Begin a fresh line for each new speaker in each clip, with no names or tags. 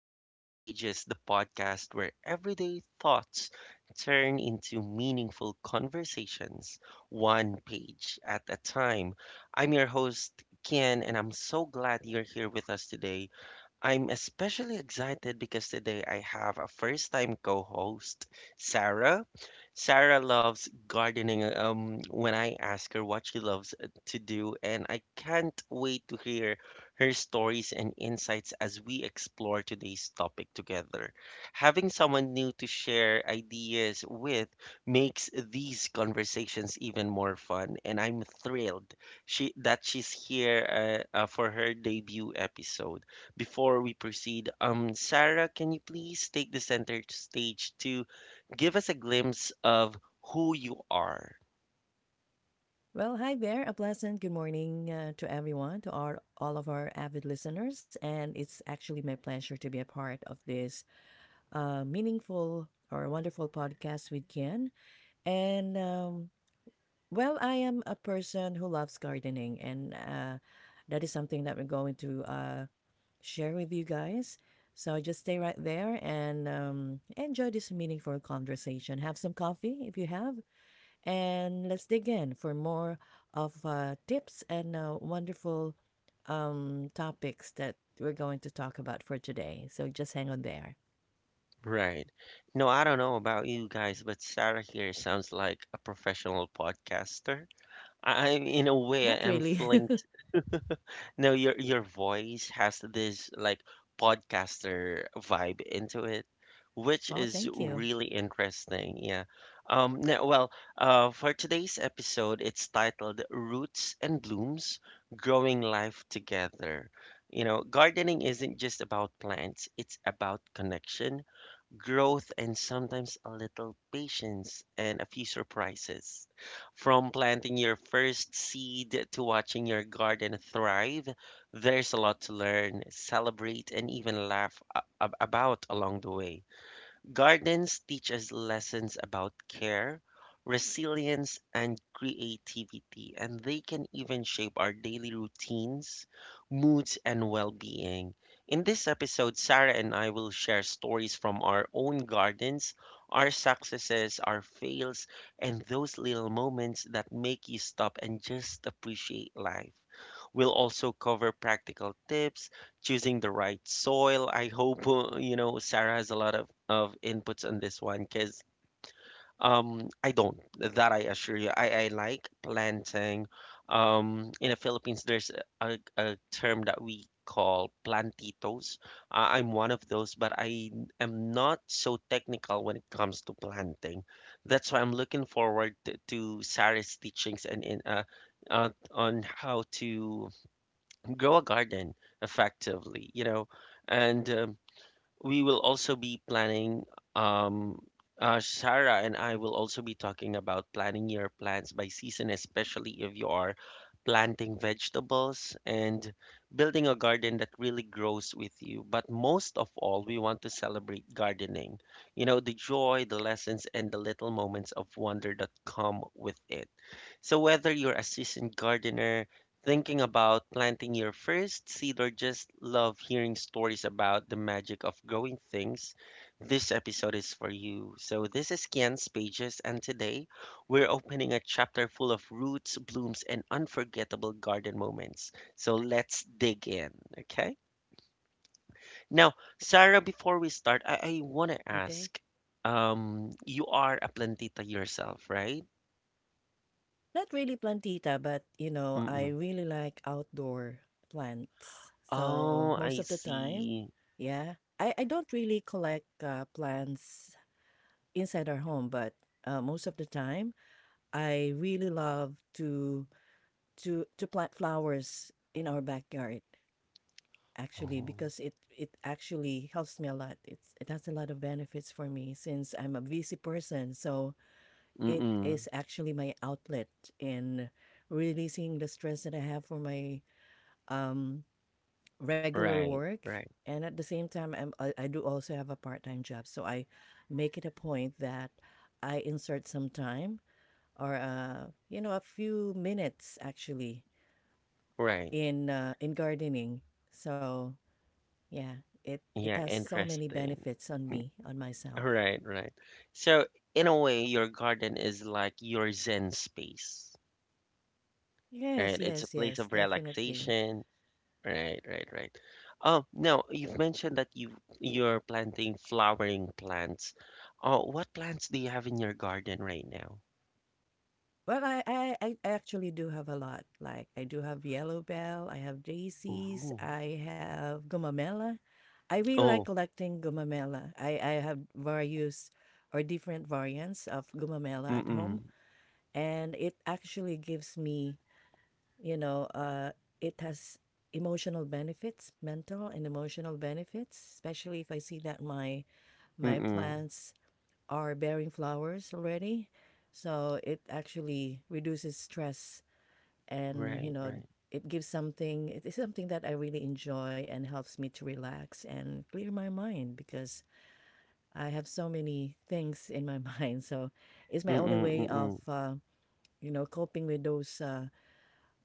to Kian's Pages, the podcast where everyday thoughts turn into meaningful conversations, one page at a time. I'm your host, Kian, and I'm so glad you're here with us today. I'm especially excited because today I have a first time co host, Sarah. Sarah loves gardening. When I ask her what she loves to do, and I can't wait to hear her stories and insights as we explore today's topic together. Having someone new to share ideas with makes these conversations even more fun, and I'm thrilled she that she's here for her debut episode. Before we proceed, Sarah, can you please take the center stage to give us a glimpse of who you are?
Well, hi there. A pleasant good morning to everyone, to our all of our avid listeners, and it's actually my pleasure to be a part of this meaningful or wonderful podcast with Ken. And well, I am a person who loves gardening, and that is something that we're going to share with you guys. So just stay right there and enjoy this meaningful conversation. Have some coffee if you have, and let's dig in for more of tips and wonderful topics that we're going to talk about for today. So just hang on there.
Right. No, I don't know about you guys, but Sarah here sounds like a professional podcaster. I in a way, I
Not
am
really.
feeling. No, your voice has this like podcaster vibe into it, which
Well,
is
thank you.
really interesting. Yeah. No, Well, for today's episode, it's titled Roots and Blooms, Growing Life Together. You know, gardening isn't just about plants, it's about connection, growth, and sometimes a little patience and a few surprises. From planting your first seed to watching your garden thrive, there's a lot to learn, celebrate, and even laugh about along the way. Gardens teach us lessons about care, resilience, and creativity, and they can even shape our daily routines, moods, and well being. In this episode, Sarah and I will share stories from our own gardens, our successes, our fails, and those little moments that make you stop and just appreciate life. We'll also cover practical tips choosing the right soil. I hope you know Sarah has a lot of inputs on this one because I don't that I assure you I like planting. In the Philippines, there's a term that we call plantitos. I'm one of those, but I am not so technical when it comes to planting. That's why I'm looking forward to Sarah's teachings and in on how to grow a garden effectively, you know. And we will also be planning, um, Sarah and I will also be talking about planning your plants by season, especially if you are planting vegetables and building a garden that really grows with you. But most of all, we want to celebrate gardening, you know, the joy, the lessons, and the little moments of wonder that come with it. So, whether you're a seasoned gardener, thinking about planting your first seed or just love hearing stories about the magic of growing things, this episode is for you. So, this is Kian's Pages, and today we're opening a chapter full of roots, blooms, and unforgettable garden moments. So, let's dig in, okay? Now, Sarah, before we start, I want to
Okay.
ask you are a plantita yourself, right?
Not really plantita, but you know, I
Mm-mm.
really like outdoor plants. So
Oh,
most
I
of the time,
see.
yeah, I don't really collect plants inside our home, but most of the time, I really love to plant flowers in our backyard actually
Oh.
because it actually helps me a lot. It has a lot of benefits for me since I'm a busy person. So it
Mm-mm.
is actually my outlet in releasing the stress that I have for my um regular
Right,
work.
right,
And at the same time I do also have a part-time job, so I make it a point that I insert some time or you know, a few minutes actually
right.
in gardening. So yeah, it
Yeah,
has so many
interesting.
benefits on me, on myself.
Right, right. So, in a way, your garden is like your zen space, right?
Yes,
It's a
yes,
place
yes,
of
definitely.
relaxation. Right, right, right. Oh, now you've mentioned that you're planting flowering plants. Oh, what plants do you have in your garden right now?
Well, I actually do have a lot. Like I do have yellow bell, I have daisies,
Ooh.
I have gumamela. I really like
Oh,
collecting gumamela. I have various or different variants of gumamela at home,
mm-mm,
and it actually gives me You know, uh, it has emotional benefits, mental and emotional benefits, especially if I see that my
mm-mm.
plants are bearing flowers already. So it actually reduces stress and, you
Right,
know,
right.
it is something that I really enjoy and helps me to relax and clear my mind because I have so many things in my mind. So it's my only
Mm-mm,
way of
mm-mm.
you know, coping with those uh,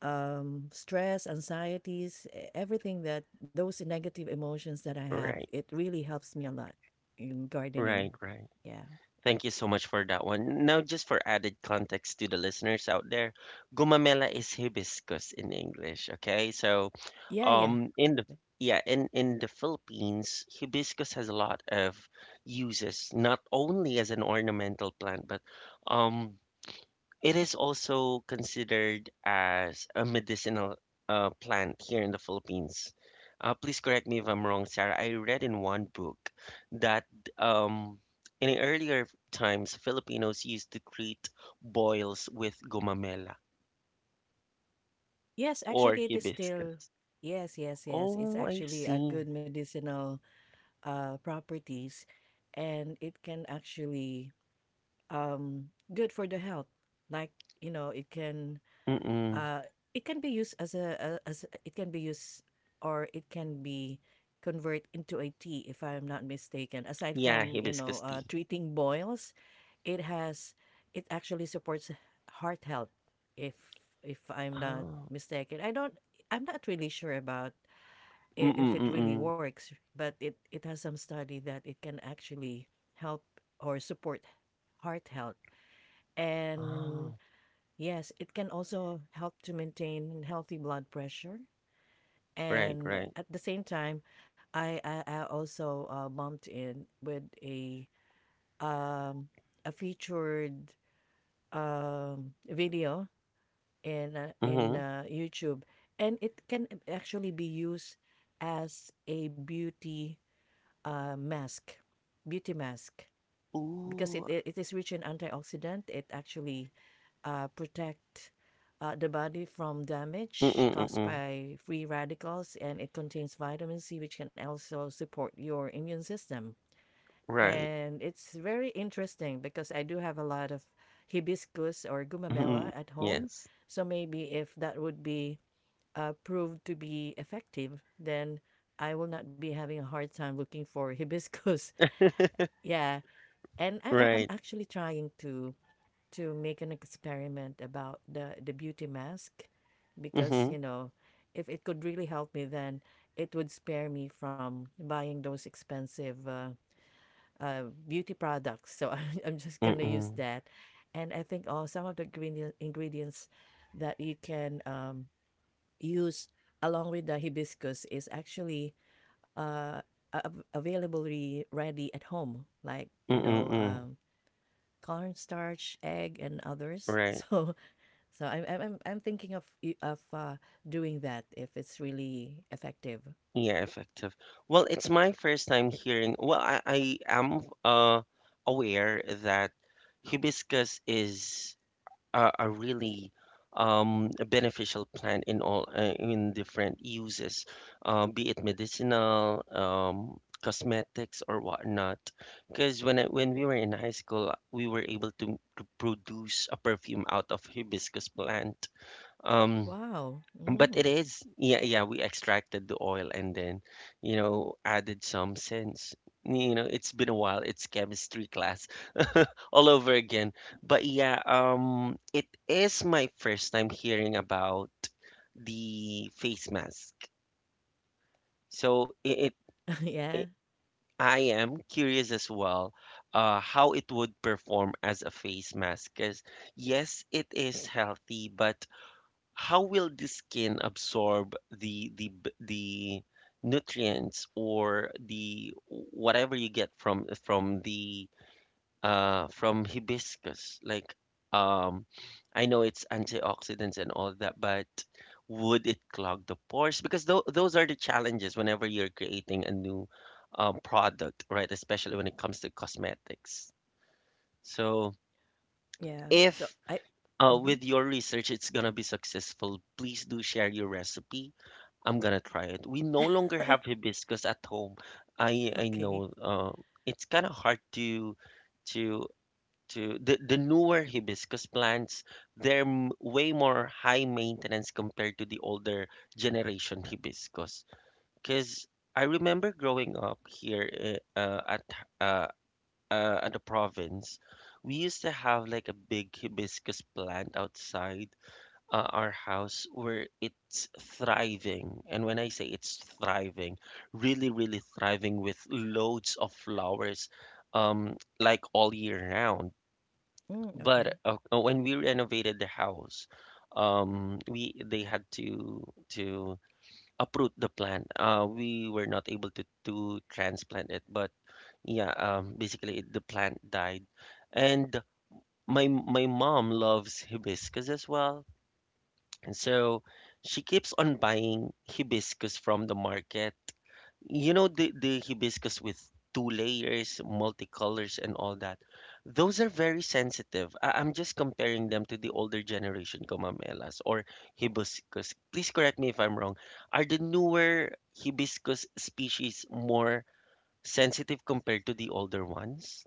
um, stress, anxieties, everything, that those negative emotions that I have.
Right,
It really helps me a lot in gardening.
right, right.
Yeah.
Thank you so much for that one. Now, just for added context to the listeners out there, gumamela is hibiscus in English. Okay, so
Yeah, yeah.
in the yeah, in the Philippines, hibiscus has a lot of uses, not only as an ornamental plant, but um. It is also considered as a medicinal plant here in the Philippines. Please correct me if I'm wrong, Sarah. I read in one book that um, in earlier times, Filipinos used to treat boils with gomamela
Yes,
or
actually, it is still,
hibiscus.
yes, yes, yes. It's
Oh, I
actually a
see.
good medicinal properties, and it can actually um good for the health. Like, you know,
Mm-mm.
uh, it can be used as it can be used or it can be convert into a tea if I'm not mistaken. Aside
Yeah,
from, you
hibiscus
know,
tea.
treating boils, it has it actually supports heart health. If if I'm not
Oh,
mistaken, I don't. I'm not really sure about if
mm-mm,
it really
mm-mm.
works, but it has some study that it can actually help or support heart health. And
Oh,
yes, it can also help to maintain healthy blood pressure.
right,
And
right.
at the same time, I also bumped in with um a featured video in
Mm-hmm.
YouTube, and it can actually be used as a beauty mask, beauty mask, because
Ooh,
it is rich in antioxidant. It actually protect the body from damage
mm-mm,
caused
mm-mm.
by free radicals, and it contains vitamin C, which can also support your immune system.
Right.
And it's very interesting because I do have a lot of hibiscus or gumamela
Mhm.
at home.
Yes.
So maybe if that would be proved to be effective, then I will not be having a hard time looking for hibiscus. And I'm
Right.
actually trying to make an experiment about the beauty mask, because
Mm-hmm.
you know, if it could really help me, then it would spare me from buying those expensive beauty products. So I'm just gonna use
Mm-mm.
that. And I think all some of the ingredient, ingredients that you can use along with the hibiscus is actually uh, availably ready at home, like, you know,
Mm-mm.
cornstarch, egg, and others.
Right.
So so thinking of of uh, doing that if it's really effective.
Yeah, effective. Well, it's my first time hearing. Well, I am aware that hibiscus is a are really a beneficial plant in all in different uses, be it medicinal, cosmetics, or whatnot. Because when when we were in high school, we were able to produce a perfume out of hibiscus plant. Um,
Wow.
but it
Mm.
is yeah, we extracted the oil and then you know added some scents. You know it's been a while. It's chemistry class all over again. But yeah, it is my first time hearing about the face mask. So it, it,
Yeah.
it I am curious as well, how it would perform as a face mask. Because yes, it is healthy, but how will the skin absorb the nutrients or the whatever you get from the from hibiscus like um I know it's antioxidants and all that, but would it clog the pores, because those are the challenges whenever you're creating a new product, right, especially when it comes to cosmetics. So
Yeah. So
if
I. Hmm.
with your research it's gonna be successful, please do share your recipe. I'm gonna try it. We no longer have hibiscus at home. I
Okay.
know it's kind of hard to to to the newer hibiscus plants, they're way more high maintenance compared to the older generation hibiscus, because I remember growing up here uh, at the province. We used to have like a big hibiscus plant outside our house where it's thriving, and when I say it's thriving, really really thriving with loads of flowers um like all year round.
Mm, okay.
But when we renovated the house, we they had to to uproot the plant. We were not able to transplant it, but yeah, basically the plant died. And my mom loves hibiscus as well, and so she keeps on buying hibiscus from the market. You know the hibiscus with two layers, multicolors, and all that. Those are very sensitive. I'm just comparing them to the older generation kumamelas or hibiscus. Please correct me if I'm wrong. Are the newer hibiscus species more sensitive compared to the older ones?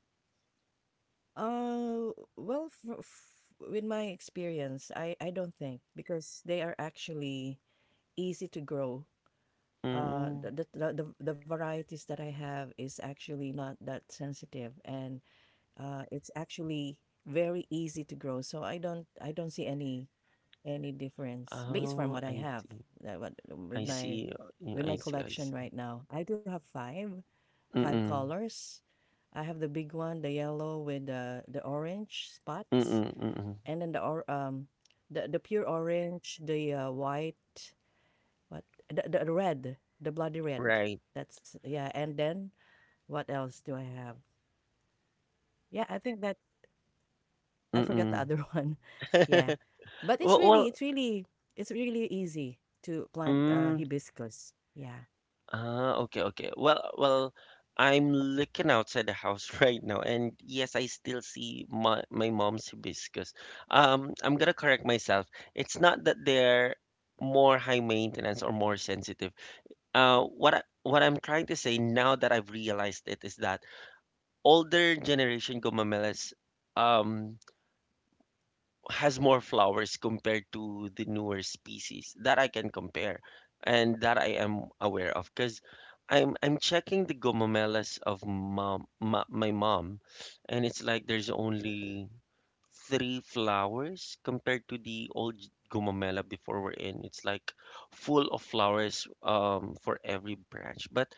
Well, with my experience, I don't think, because they are actually easy to grow. Uh,
Mm.
the, the, the varieties that I have is actually not that sensitive, and it's actually very easy to grow. So I don't see any difference based from
Oh,
what I
I
have
see.
uh, what,
I
with my
see. Yeah,
with
I
my
see. I see.
collection right now. I do have five five
Mm-mm.
colors. I have the big one, the yellow with the orange spots,
Mm-mm. Mm-mm.
and then the pure orange, the white, what, the, the red, the bloody red.
Right.
That's yeah. And then what else do I have? Yeah, I think that I forgot the
Mm-mm.
other one. Yeah. But it's
well,
really
well
it's really it's really easy to plant
mm,
hibiscus. Yeah.
Ah, okay, okay. Well, I'm looking outside the house right now, and yes, I still see my mom's hibiscus. I'm gonna correct myself. It's not that they're more high maintenance or more sensitive. What I'm trying to say now that I've realized it is that older generation gomamelas, um, has more flowers compared to the newer species that I can compare and that I am aware of because I'm checking the gomomelas of my mom, and it's like there's only three flowers compared to the old gomomela before we're in, it's like full of flowers for every branch, but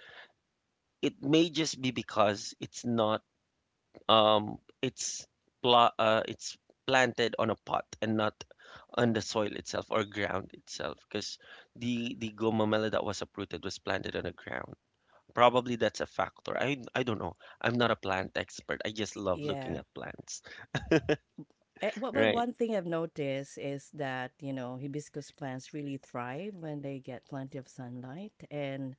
it may just be because it's not um, it's it's planted on a pot and not on the soil itself or ground itself, because the gomamela that was uprooted was planted on the ground. Probably that's a factor. I don't know. I'm not a plant expert. I just love looking
Yeah.
at plants.
Well, well,
Right.
one thing I've noticed is that, you know, hibiscus plants really thrive when they get plenty of sunlight. And,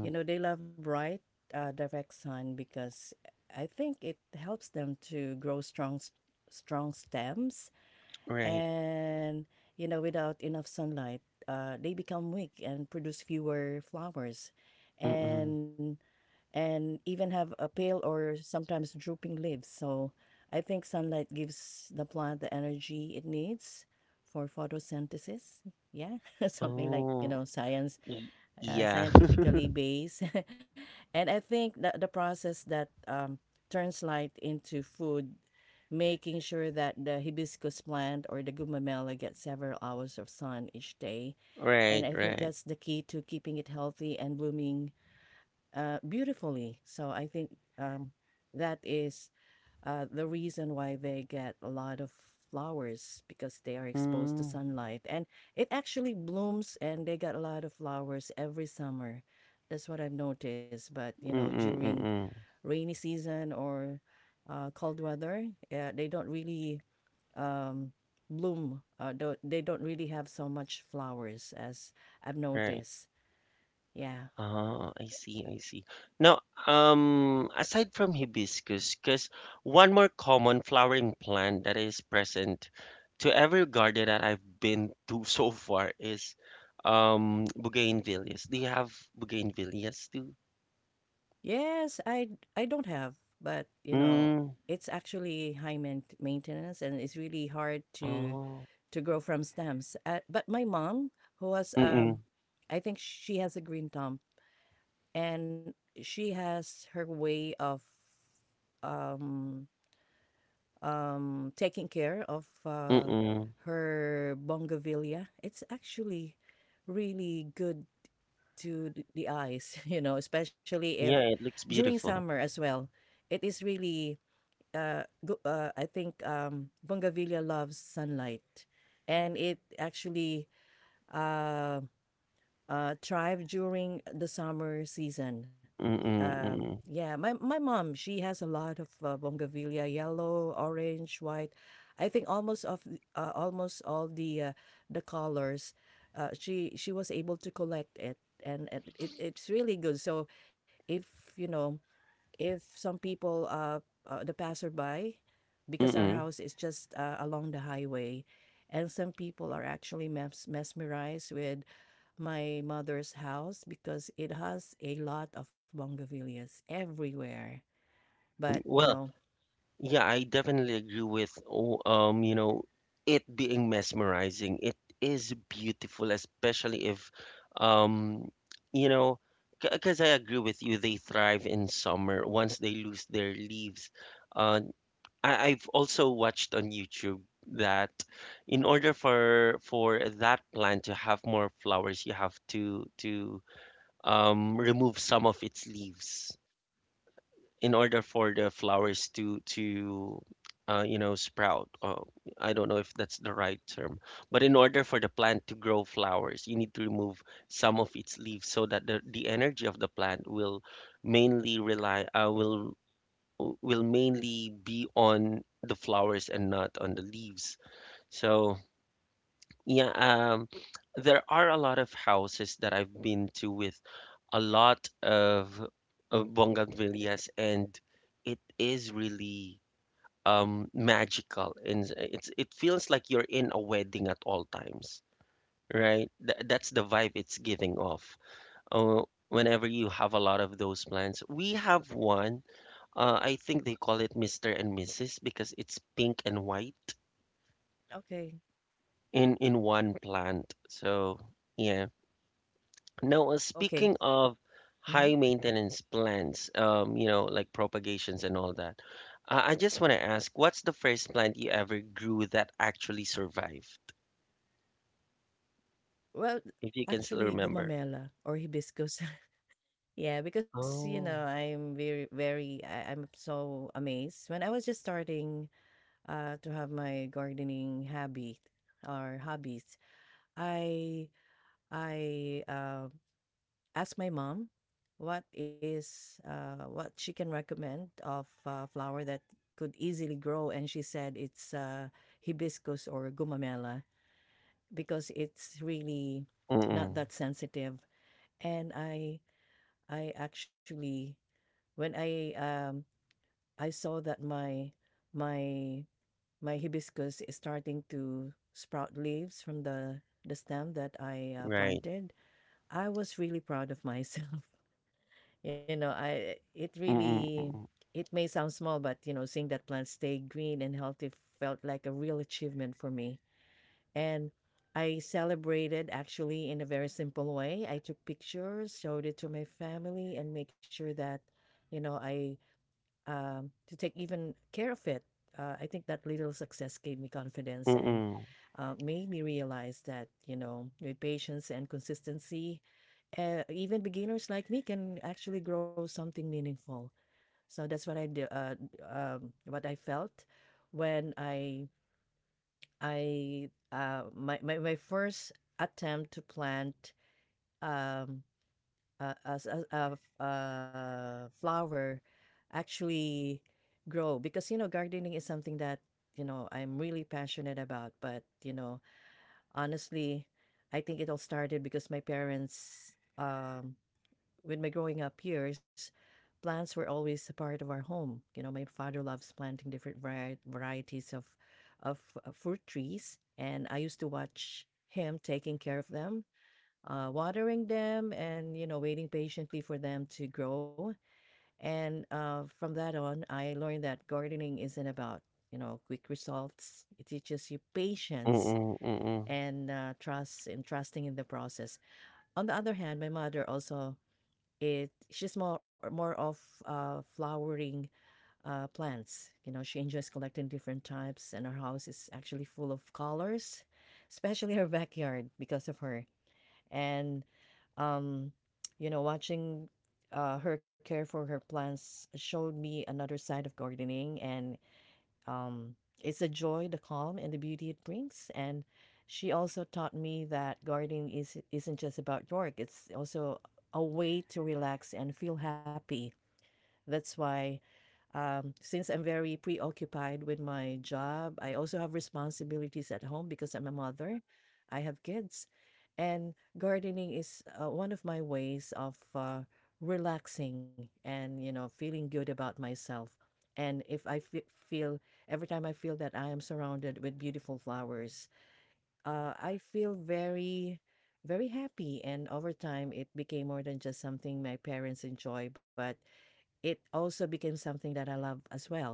you know, they love bright, direct sun, because I think it helps them to grow strong, strong stems.
Right.
And you know, without enough sunlight, they become weak and produce fewer flowers
Mm-mm.
and and even have a pale or sometimes drooping leaves. So I think sunlight gives the plant the energy it needs for photosynthesis, yeah. Something like, you
Oh.
know, science,
y- Yeah.
scientifically based. And I think that the process that turns light into food, making sure that the hibiscus plant or the gumamela gets several hours of sun each day. And
Right.
I think
Right.
that's the key to keeping it healthy and blooming beautifully. So I think that is the reason why they get a lot of flowers, because they are exposed to
Mm.
sunlight, and it actually blooms and they get a lot of flowers every summer. That's what I've noticed. But you know,
Mm-mm.
during
Mm-mm.
rainy season or cold weather, they don't really um, bloom don't, they don't really have so much flowers, as I've
Right.
noticed. Yeah.
Ah, I see, I see. Now, aside from hibiscus, because one more common flowering plant that is present to every garden that I've been to so far is bougainvilleas. Do you have bougainvilleas too?
Yes, I don't have, but, you know,
Mm,
it's actually high maintenance, and it's really hard
oh,
to grow from stems, but my mom, who was,
mm-mm,
I think she has a green thumb, and she has her way of, um taking care of,
mm-mm.
her bougainvillea. It's actually really good to the eyes, you know, especially if
Yeah, it looks
during summer
beautiful.
as well. It is really, I think Bongavilla loves sunlight, and it actually um thrive during the summer season.
Mm-mm, mm-mm,
Yeah, my mom, she has a lot of bougainvillea, yellow, orange, white. I think almost all the colors. She was able to collect it, and it it's really good. So if, you know, if some people, the passerby, because our
mm-mm.
house is just along the highway, and some people are actually mesmerized with my mother's house, because it has a lot of bougainvilleas everywhere. But you
Well,
know,
Yeah, I definitely agree with you know, it being mesmerizing. It is beautiful, especially if um, you know, because I agree with you, they thrive in summer once they lose their leaves. Uh, I, I've also watched on YouTube that in order for that plant to have more flowers, you have to remove some of its leaves in order for the flowers to you know sprout, I don't know if that's the right term, but in order for the plant to grow flowers you need to remove some of its leaves so that the energy of the plant will mainly rely will mainly be on the flowers and not on the leaves. So yeah, there are a lot of houses that I've been to with a lot of bougainvilleas, and it is really magical, and it's it feels like you're in a wedding at all times, right? Th That's the vibe it's giving off. Uh, whenever you have a lot of those plants, we have one. I think they call it Mr. and Mrs. because it's pink and white
okay,
in one plant. So yeah. Now,
okay.
speaking of
Hmm.
high maintenance plants, like propagations and all that, I just want to ask, what's the first plant you ever grew that actually survived,
Well,
if you can still
actually,
remember?
gumamela or hibiscus. Yeah, because you know,
Oh.
I'm very, very, I'm so amazed. When I was just starting to have my gardening habit or hobbies, I I asked my mom what is what she can recommend of flower that could easily grow, and she said it's hibiscus or gumamela, because it's really not
Mm-mm.
that sensitive. And I actually, when I saw that my my hibiscus is starting to sprout leaves from the stem that I
Right.
planted, I was really proud of myself. You know, I it really
Mm-mm.
it may sound small, but you know, seeing that plant stay green and healthy felt like a real achievement for me. And I celebrated actually in a very simple way. I took pictures, showed it to my family, and make sure that, you know, I to take even care of it. I think that little success gave me confidence and
Mm-mm.
made me realize that, you know, with patience and consistency, even beginners like me can actually grow something meaningful. So that's what I do, what I felt when I my, my my first attempt to plant um, a, s- a f- a flower actually grow, because you know gardening is something that, you know, I'm really passionate about. But you know, honestly, I think it all started because my parents, um, with my growing up years, plants were always a part of our home. You know, my father loves planting different varieties of fruit trees, and I used to watch him taking care of them, watering them, and you know, waiting patiently for them to grow. And from that on, I learned that gardening isn't about quick results. It teaches you patience
Mm-mm. Mm-mm. Mm-mm.
and trust and trusting in the process. On the other hand, my mother also it she's more of flowering plants. You know, she enjoys collecting different types, and her house is actually full of colors, especially her backyard because of her. And um, you know, watching her care for her plants showed me another side of gardening. And um, it's a joy, the calm, and the beauty it brings. And she also taught me that isn't just about work, it's also a way to relax and feel happy. That's why since I'm very preoccupied with my job, I also have responsibilities at home because I'm a mother. I have kids. And gardening is one of my ways of relaxing and, you know, feeling good about myself. And if I fe- feel, every time I feel that I am surrounded with beautiful flowers, I feel very, very happy. And over time, it became more than just something my parents enjoy, but it also became something that I love as well.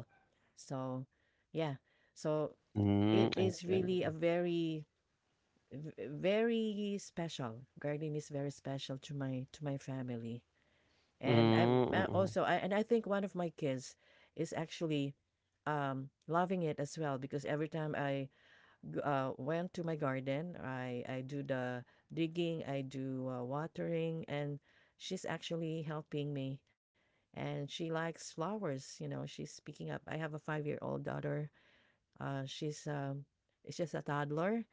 So, yeah. So
Mm,
it
I
is
see. I
really a
see.
very very special. Gardening is very special to my family. And I'm
Mm,
a- also
mm-mm.
I, and I think one of my kids is actually loving it as well, because every time I went to my garden, I do the digging, I do watering, and she's actually helping me. And she likes flowers, you know, she's picking up. I have a 5 year old daughter. She's, it's just a toddler.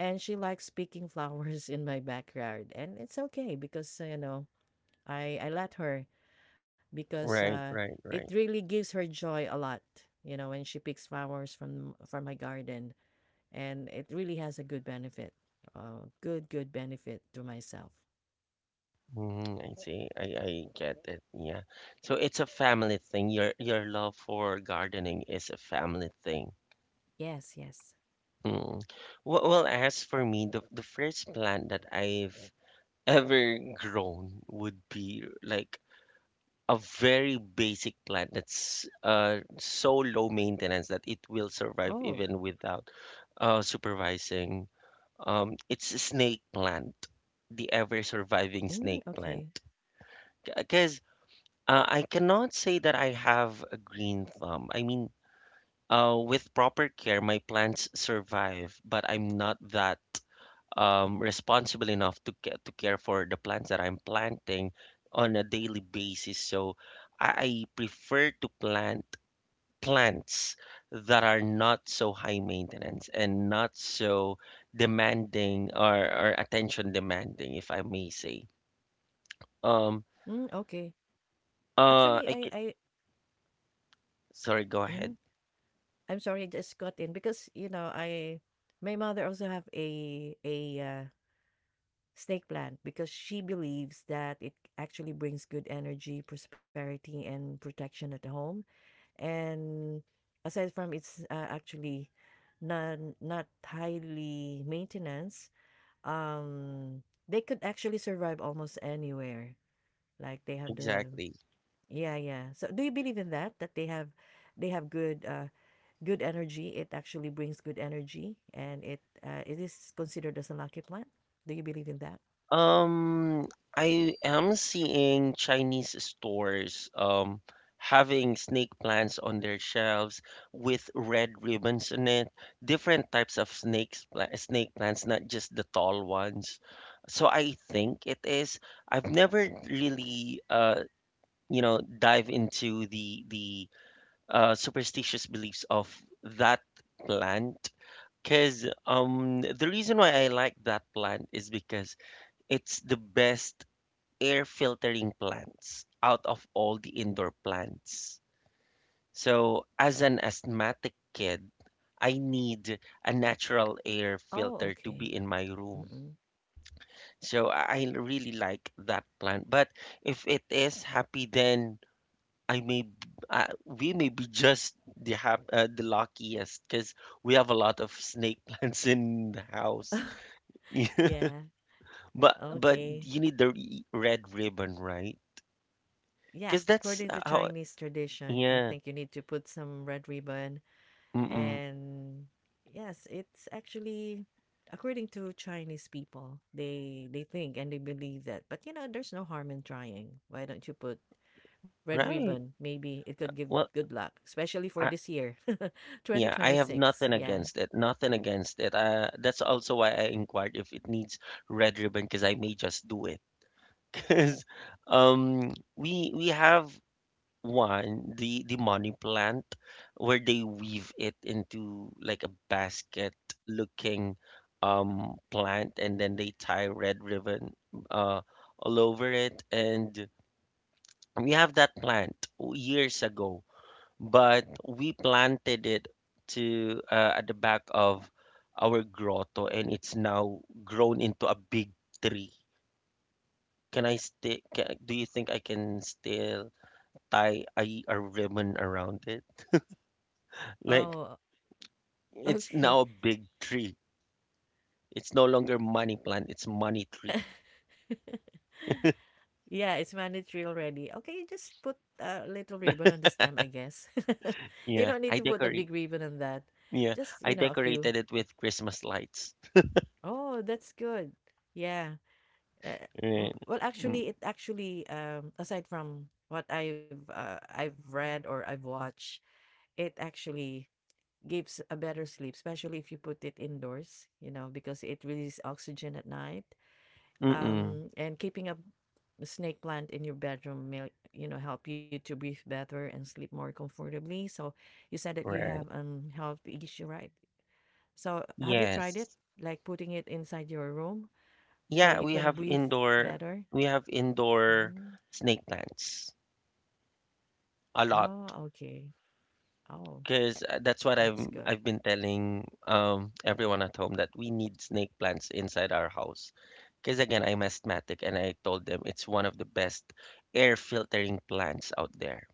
And she likes picking flowers in my backyard. And it's okay because, you know, I let her because
Right. Right.
it
Right.
really gives her joy a lot, you know, when she picks flowers from my garden, and it really has a good benefit. Good benefit to myself.
Mm, I see. I get it. Yeah. So it's a family thing. Your love for gardening is a family thing.
Yes, yes.
Mm. Well, as for me, the first plant that I've ever grown would be like a very basic plant that's so low maintenance that it will survive
Oh,
even without supervising. It's a snake plant, the ever surviving
mm,
snake
okay,
plant. Because I cannot say that I have a green thumb. I mean, with proper care, my plants survive, but I'm not that, responsible enough to to care for the plants that I'm planting on a daily basis. So I I prefer to plant plants that are not so high maintenance and not so demanding, or attention demanding, if I may say. Um,
mm, okay. Actually,
uh, I ca- Sorry, go
mm,
ahead.
I'm sorry, I just got in because you know my mother also have a snake plant because she believes that it actually brings good energy, prosperity, and protection at home. And aside from it's actually not highly maintenance, um, they could actually survive almost anywhere. Like they have the
Exactly.
yeah, yeah. So do you believe in that? That they have good good energy. It actually brings good energy, and it is considered as a lucky plant. Do you believe in that?
Um, I am seeing Chinese stores having snake plants on their shelves with red ribbons in it, different types of snake plants, not just the tall ones. So I think it is. I've never really dive into the superstitious beliefs of that plant. Because the reason why I like that plant is because it's the best air filtering plants out of all the indoor plants. So, as an asthmatic kid, I need a natural air
Oh,
filter to
okay.
be in my room.
Mm-mm.
So, I really like that plant. But if it is happy, then I may b- we may be just the luckiest, because we have a lot of snake plants in the house.
Yeah.
But
Okay.
you need the red ribbon, right?
Yeah,
Because
according
that's
to
how,
Chinese tradition, I think
yeah.
you need to put some red ribbon.
Mm,
And yes, it's actually, according to Chinese people, they think and they believe that. But you know, there's no harm in trying. Why don't you put red ribbon?
right.
Maybe it could give
Well,
good luck, especially for
I
this year,
yeah, I have
2026.
nothing
Yeah.
against it. Nothing against it. That's also why I inquired if it needs red ribbon, because I may just do it. Because we have one the money plant, where they weave it into like a basket looking plant, and then they tie red ribbon uh all over it, and we have that plant years ago, but we planted it, to at the back of our grotto, and it's now grown into a big tree. Can I still Do you think I can still tie a ribbon around it? Like,
Oh,
it's
okay.
now a big tree. It's no longer money plant, it's money tree.
Yeah, it's mandatory already. Okay, just put a little ribbon on the stem, I guess. You don't
Yeah,
need to
I
put a big
decorate.
ribbon on that.
Yeah,
Just, you
I
know, a few.
decorated it with Christmas lights.
Oh, that's good. Yeah. Uh,
And,
well,
mm,
actually, it actually, aside from what I've read or I've watched, it actually gives a better sleep, especially if you put it indoors, you know, because it releases oxygen at night.
mm-mm,
And keeping a snake plant in your bedroom may, you know, help you to breathe better and sleep more comfortably. So you said that you have
right.
health issue, right? So have you tried it?
Yes.
Like putting it inside your room so
Yeah,
you
we
can
have
breathe
indoor
better?
we have indoor
Mhm.
snake plants a lot,
Oh, okay. Oh,
because that's what I've
that's good.
I've been telling everyone at home that we need snake plants inside our house. Because again, I'm asthmatic, and I told them it's one of the best air filtering plants out there.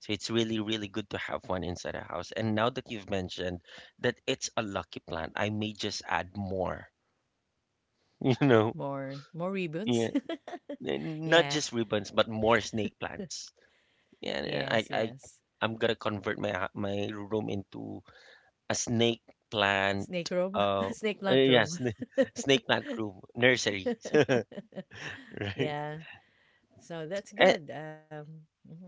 So it's really, really good to have one inside a house. And now that you've mentioned that it's a lucky plant, I may just add more, you know,
More more ribbons.
yeah, not
Yeah.
just ribbons, but more snake plants. Yeah, yeah,
Yes, yes.
I'm gonna convert my room into a snake plant.
Snake room,
Uh,
snake plant
yeah,
room.
snake, snake plant room, nursery, right?
Yeah. So that's
Eh,
good. Mhm.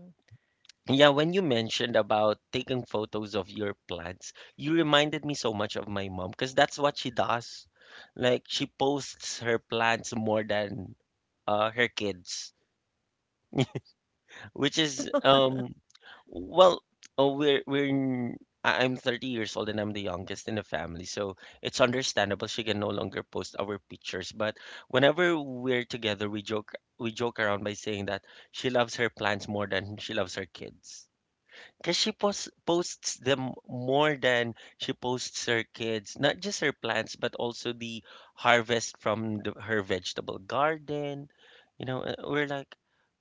yeah, when you mentioned about taking photos of your plants, you reminded me so much of my mom, because that's what she does. Like, she posts her plants more than her kids, which is, well oh, we're we're n- I'm 30 years old and I'm the youngest in the family, so it's understandable she can no longer post our pictures. But whenever we're together, we joke around by saying that she loves her plants more than she loves her kids. Because she posts them more than she posts her kids, not just her plants, but also the harvest from her vegetable garden. We're like,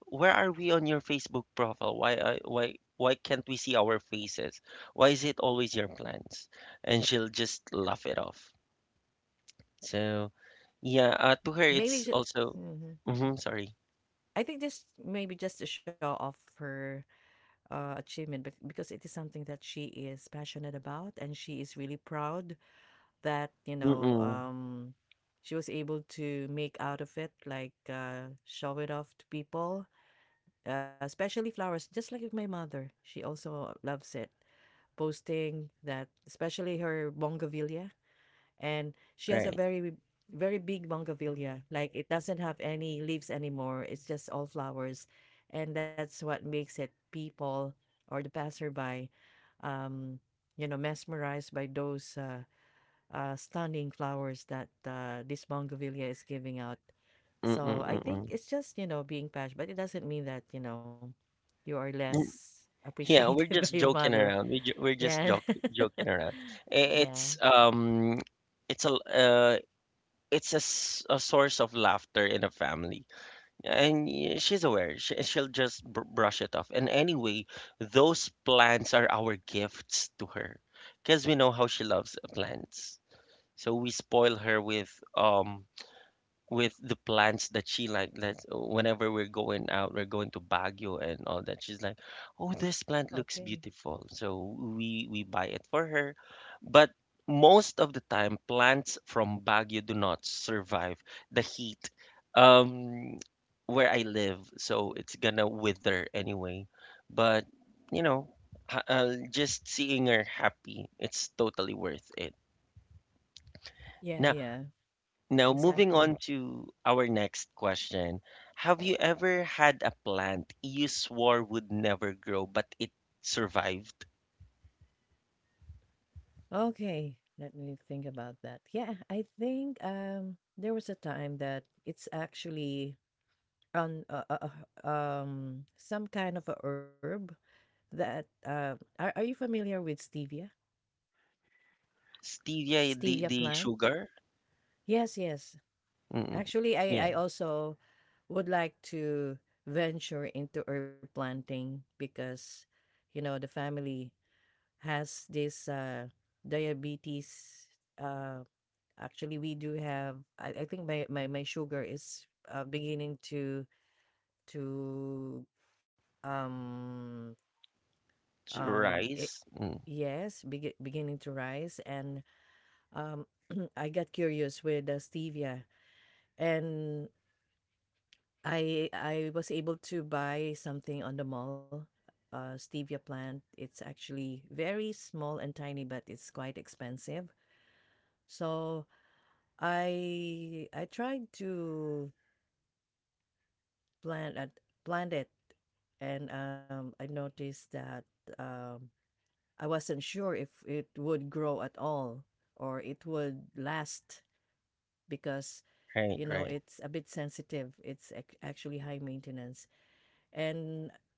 where are we on your Facebook profile? Why, why can't we see our faces? Why is it always your plants? And she'll just laugh it off. So, yeah, to her, it's
Maybe just
also, mm-hmm, sorry,
I think this maybe just to show off her achievement, because it is something that she is passionate about and she is really proud that you know
mm-mm,
she was able to make out of it, like show it off to people, especially flowers. Just like with my mother, she also loves it, posting that, especially her bougainvillea. And she has a
right,
very very big bougainvillea, like it doesn't have any leaves anymore, it's just all flowers, and that's what makes it people or the passerby, um you know, mesmerized by those stunning flowers that this bougainvillea is giving out.
mm-mm,
So I think
mm-mm.
it's just, you know, being patched, but it doesn't mean that you know you are less
Yeah,
appreciated
we're
by your
just joking
mother.
around. We're just
Yeah.
joke joking around. I-
Yeah,
It's um, it's a uh, it's a source of laughter in a family, and she's aware. She'll just br brush it off. And anyway, those plants are our gifts to her, because we know how she loves plants. So we spoil her um with the plants that she like, that whenever we're going out, we're going to Baguio and all that, she's like, oh, this plant looks
okay.
beautiful, so we buy it for her, but most of the time plants from Baguio do not survive the heat, um where I live, so it's gonna wither anyway, but you know just seeing her happy, it's totally worth it.
Yeah,
now
yeah,
now, moving
exactly.
on to our next question. Have you ever had a plant you swore would never grow, but it survived?
Okay, let me think about that. Yeah, I think there was a time that it's actually on some kind of a herb that are you familiar with stevia?
Stevia, the,
Stevia
the
plant?
sugar?
Yes, yes.
Mm-mm.
Actually,
Yeah,
I also would like to venture into herb planting because you know the family has this diabetes. uh. Actually, we do have I think my my sugar is, beginning to, um it
rice. Mm,
yes, beginning to rise. And um, I got curious with the stevia, and I was able to buy something on the mall, stevia plant. It's actually very small and tiny, but it's quite expensive. So I tried to planted, blended, and I noticed that um, I wasn't sure if it would grow at all or it would last, because
right,
you know
right.
it's a bit sensitive, actually high maintenance. And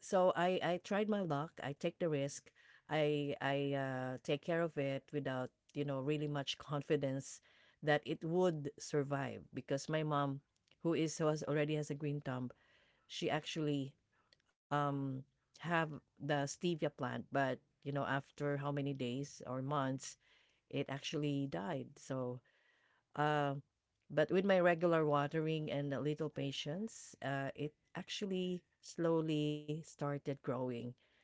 so I tried my luck, I take the risk. I take care of it without you know really much confidence that it would survive, because my mom who is who has already has a green thumb, she actually um have the stevia plant. But you know, after how many days or months, it actually died. So uh but with my regular watering and a little patience, it actually slowly started growing.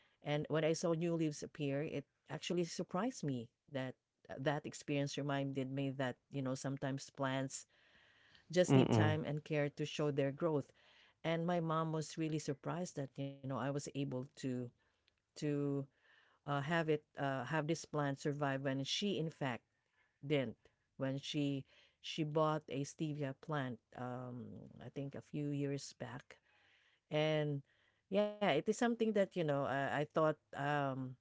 And when I saw new leaves appear, it actually surprised me. That experience reminded me that, you know, sometimes plants just need
Mm-mm.
time and care to show their growth. And my mom was really surprised that, you know, I was able to to have this plant survive when she in fact didn't. When She bought a stevia plant, I think a few years back. And yeah, it is something that, you know, I thought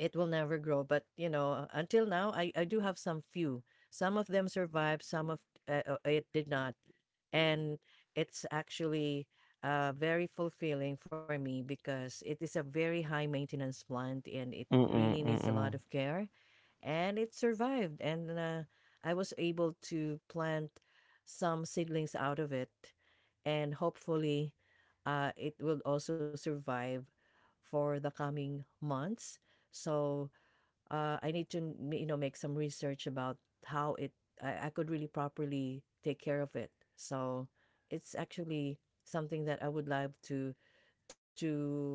it will never grow. But you know, until now, I do have some few. Some of them survived, some of it did not. And it's actually very fulfilling for me, because it is a very high maintenance plant and it
Mm-mm.
really needs a lot
Mm-mm.
of care, and it survived. And I was able to plant some seedlings out of it, and hopefully it will also survive for the coming months. So I need to you know make some research about how it I could really properly take care of it. So it's actually something that I would love to to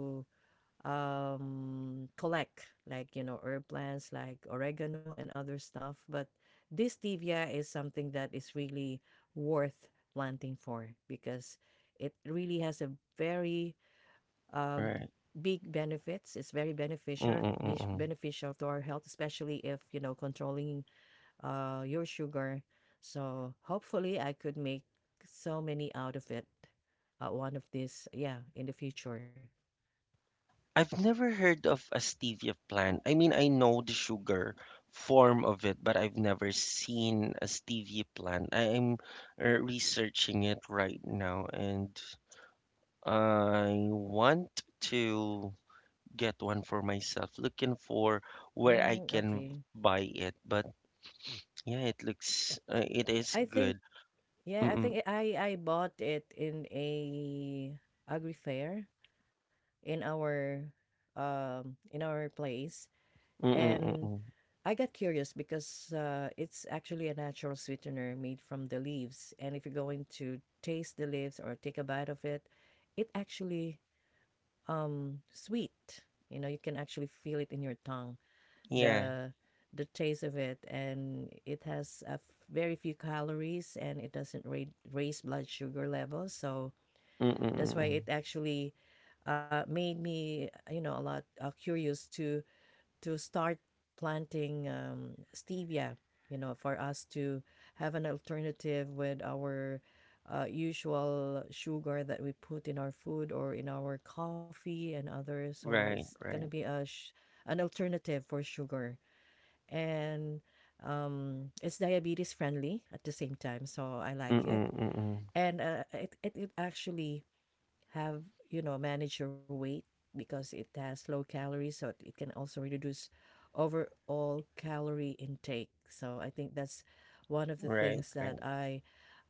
collect, like you know, herb plants like oregano and other stuff. But this stevia is something that is really worth planting for, because it really has a very uh,
Right.
big benefits. It's very
Mm-mm. Mm-mm.
beneficial to our health, especially if you know controlling your sugar. So hopefully I could make so many out of it, one of these, yeah, in the future.
I've never heard of a stevia plant. I mean, I know the sugar form of it, but I've never seen a stevia plant. I am researching it right now, and I want to get one for myself, looking for where
Mm,
I can
okay.
buy it. But yeah, it is
I think
good.
yeah, I
Mm-mm,
think I bought it in a agri fair in our in our place.
mm-mm,
And
mm-mm.
I got curious because it's actually a natural sweetener made from the leaves. And if you're going to taste the leaves or take a bite of it, it actually sweet. You know, you can actually feel it in your tongue,
Yeah.
the the taste of it. And it has a very few calories, and it doesn't raise blood sugar levels. So
Mm-mm,
that's why
mm-mm.
it actually made me you know a lot curious to start planting stevia, you know, for us to have an alternative with our usual sugar that we put in our food or in our coffee and others. So it's
Right,
gonna
right.
be a an alternative for sugar. And it's diabetes friendly at the same time, so I like
Mm-mm,
it.
mm-mm.
And it actually have manage your weight because it has low calories so it can also reduce overall calorie intake, so I think that's one of the
Right,
things that
right.
i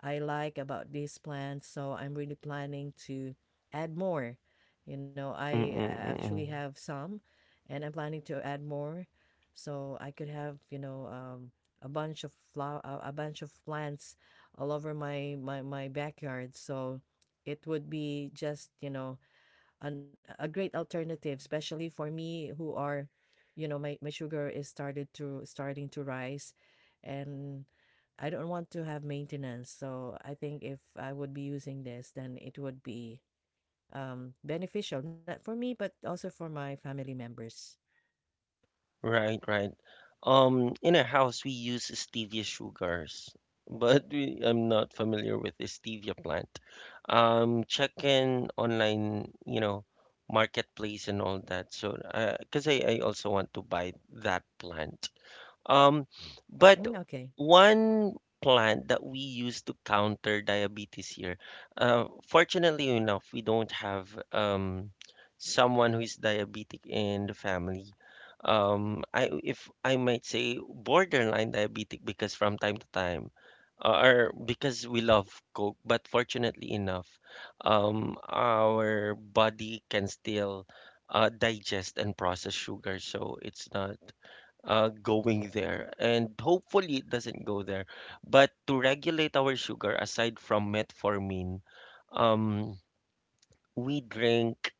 i like about this plan. So I'm really planning to add more. I
Mm-mm,
actually
mm-mm.
have some, and I'm planning to add more so I could have a bunch of plants all over my backyard, so it would be just a great alternative, especially for me who are my sugar is started to starting to rise. And I don't want to have maintenance, so I think if I would be using this, then it would be beneficial not for me but also for my family members.
Right, right. In our house, we use stevia sugars, but I'm not familiar with the stevia plant. Checking online, marketplace and all that. So, because I also want to buy that plant. Um, but
Mm, okay.
one plant that we use to counter diabetes here, fortunately enough, we don't have um, someone who is diabetic in the family. I If I might say borderline diabetic, because from time to time, or because we love Coke, but fortunately enough, our body can still digest and process sugar, so it's not going there. And hopefully it doesn't go there. But to regulate our sugar, aside from metformin, um, we drink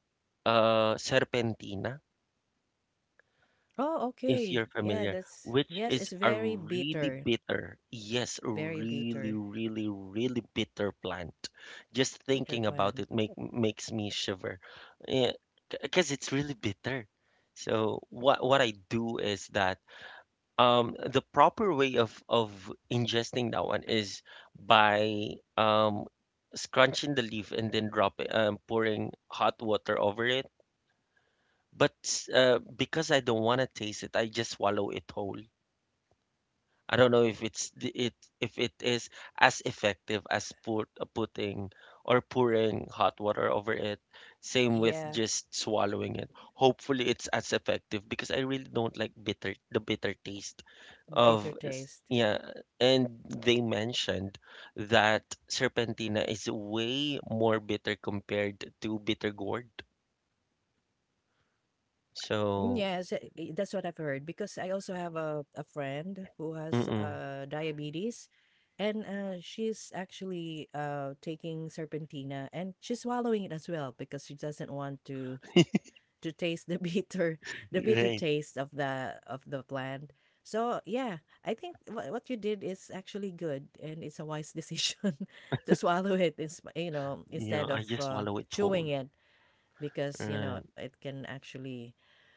serpentina,
Oh,
if
okay,
you're
yeah,
familiar,
that's—
which
Yes,
is
it's
a
very
really
bitter,
bitter, yes,
very
really,
bitter.
really, really bitter plant. Just
Bitter
thinking about
plant.
it makes me shiver, because it's really bitter. So what I do is that. The proper way of ingesting that one is by scrunching the leaf and then drop it, pouring hot water over it. But because I don't want to taste it, I just swallow it whole. I don't know if it is as effective as putting or pouring hot water over it. Same with
Yeah,
just swallowing it. Hopefully it's as effective, because I really don't like bitter the bitter taste
the bitter taste.
yeah. And they mentioned that Serpentina is way more bitter compared to bitter gourd.
Mm,
So,
yes, that's what I've heard because I also have a friend who has
mm-mm.
diabetes, and she's actually taking serpentina, and she's swallowing it as well because she doesn't want to taste the bitter, the bitter
Right.
taste of the plant. So yeah, I think what you did is actually good, and it's a wise decision to swallow it,
Yeah,
instead
I
of
just swallow it whole.
chewing it, because
Right.
it can actually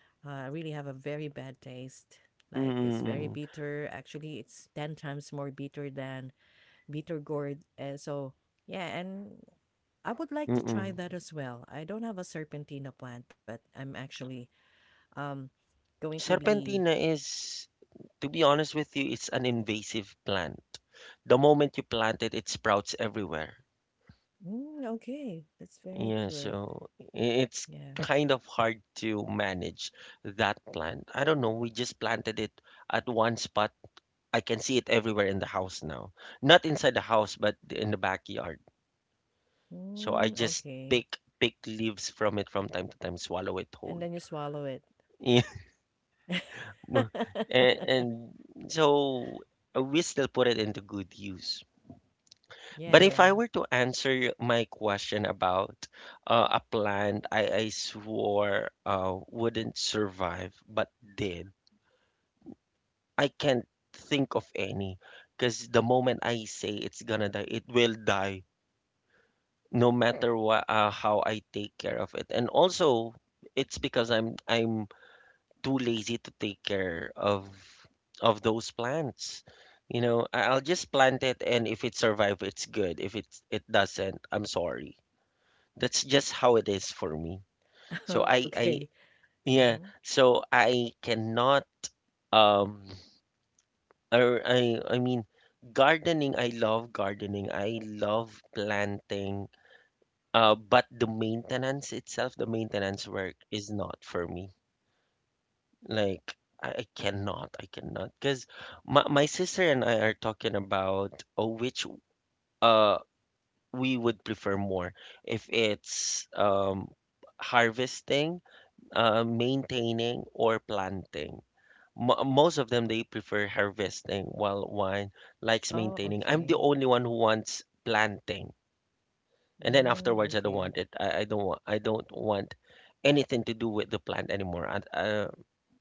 I really have a very bad taste. Like, it's very
Mm-mm.
bitter. Actually, it's 10 times more bitter than bitter gourd. So, yeah, and I would like to try
Mm-mm.
that as well. I don't have a serpentina plant, but I'm actually um going to be—
Serpentina is, to be honest with you, it's an invasive plant. The moment you plant it, it sprouts everywhere.
Mm, okay. That's very
Yeah,
good.
so it's
Yeah.
kind of hard to manage that plant. I don't know, we just planted it at one spot. I can see it everywhere in the house now. Not inside the house, but in the backyard. So I
Mm,
just
okay.
pick leaves from it from time to time, swallow it
And then you
whole.
swallow it.
Yeah. And so we still put it into good use.
Yeah,
But if
yeah.
I were to answer my question about a plant I swore wouldn't survive but did, I can't think of any, because the moment I say it's gonna die, it will die no matter what, how I take care of it. And also, it's because I'm too lazy to take care of those plants. I'll just plant it, and if it survives, it's good. If it doesn't, I'm sorry. That's just how it is for me. So,
Okay.
I
Mm-hmm.
yeah, so I cannot. um or I mean, gardening. I love planting. But the maintenance itself, the maintenance work is not for me. Like, I cannot, I cannot, because my sister and I are talking about which uh we would prefer more, if it's harvesting, maintaining, or planting. Mo Most of them they prefer harvesting, while one likes
Oh,
maintaining. I'm the
okay.
only one who wants planting, and then
Mm,
afterwards I don't
okay.
want it. I don't want anything to do with the plant anymore. I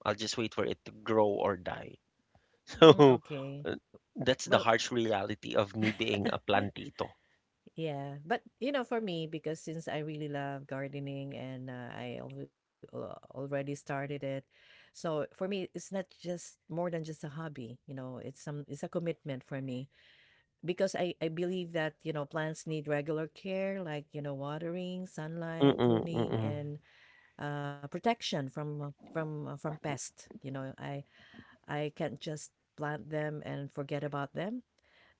I'll just wait for it to grow or die.
Mm,
So
okay.
uh, that's the
Well,
harsh reality of me being a plantito.
yeah, but for me, because since I really love gardening, and already started it, so for me, it's not just more than just a hobby. It's a commitment for me because I believe that plants need regular care, like watering, sunlight,
Mm-mm,
pruning,
mm-mm,
and protection from from pests. I can't just plant them and forget about them.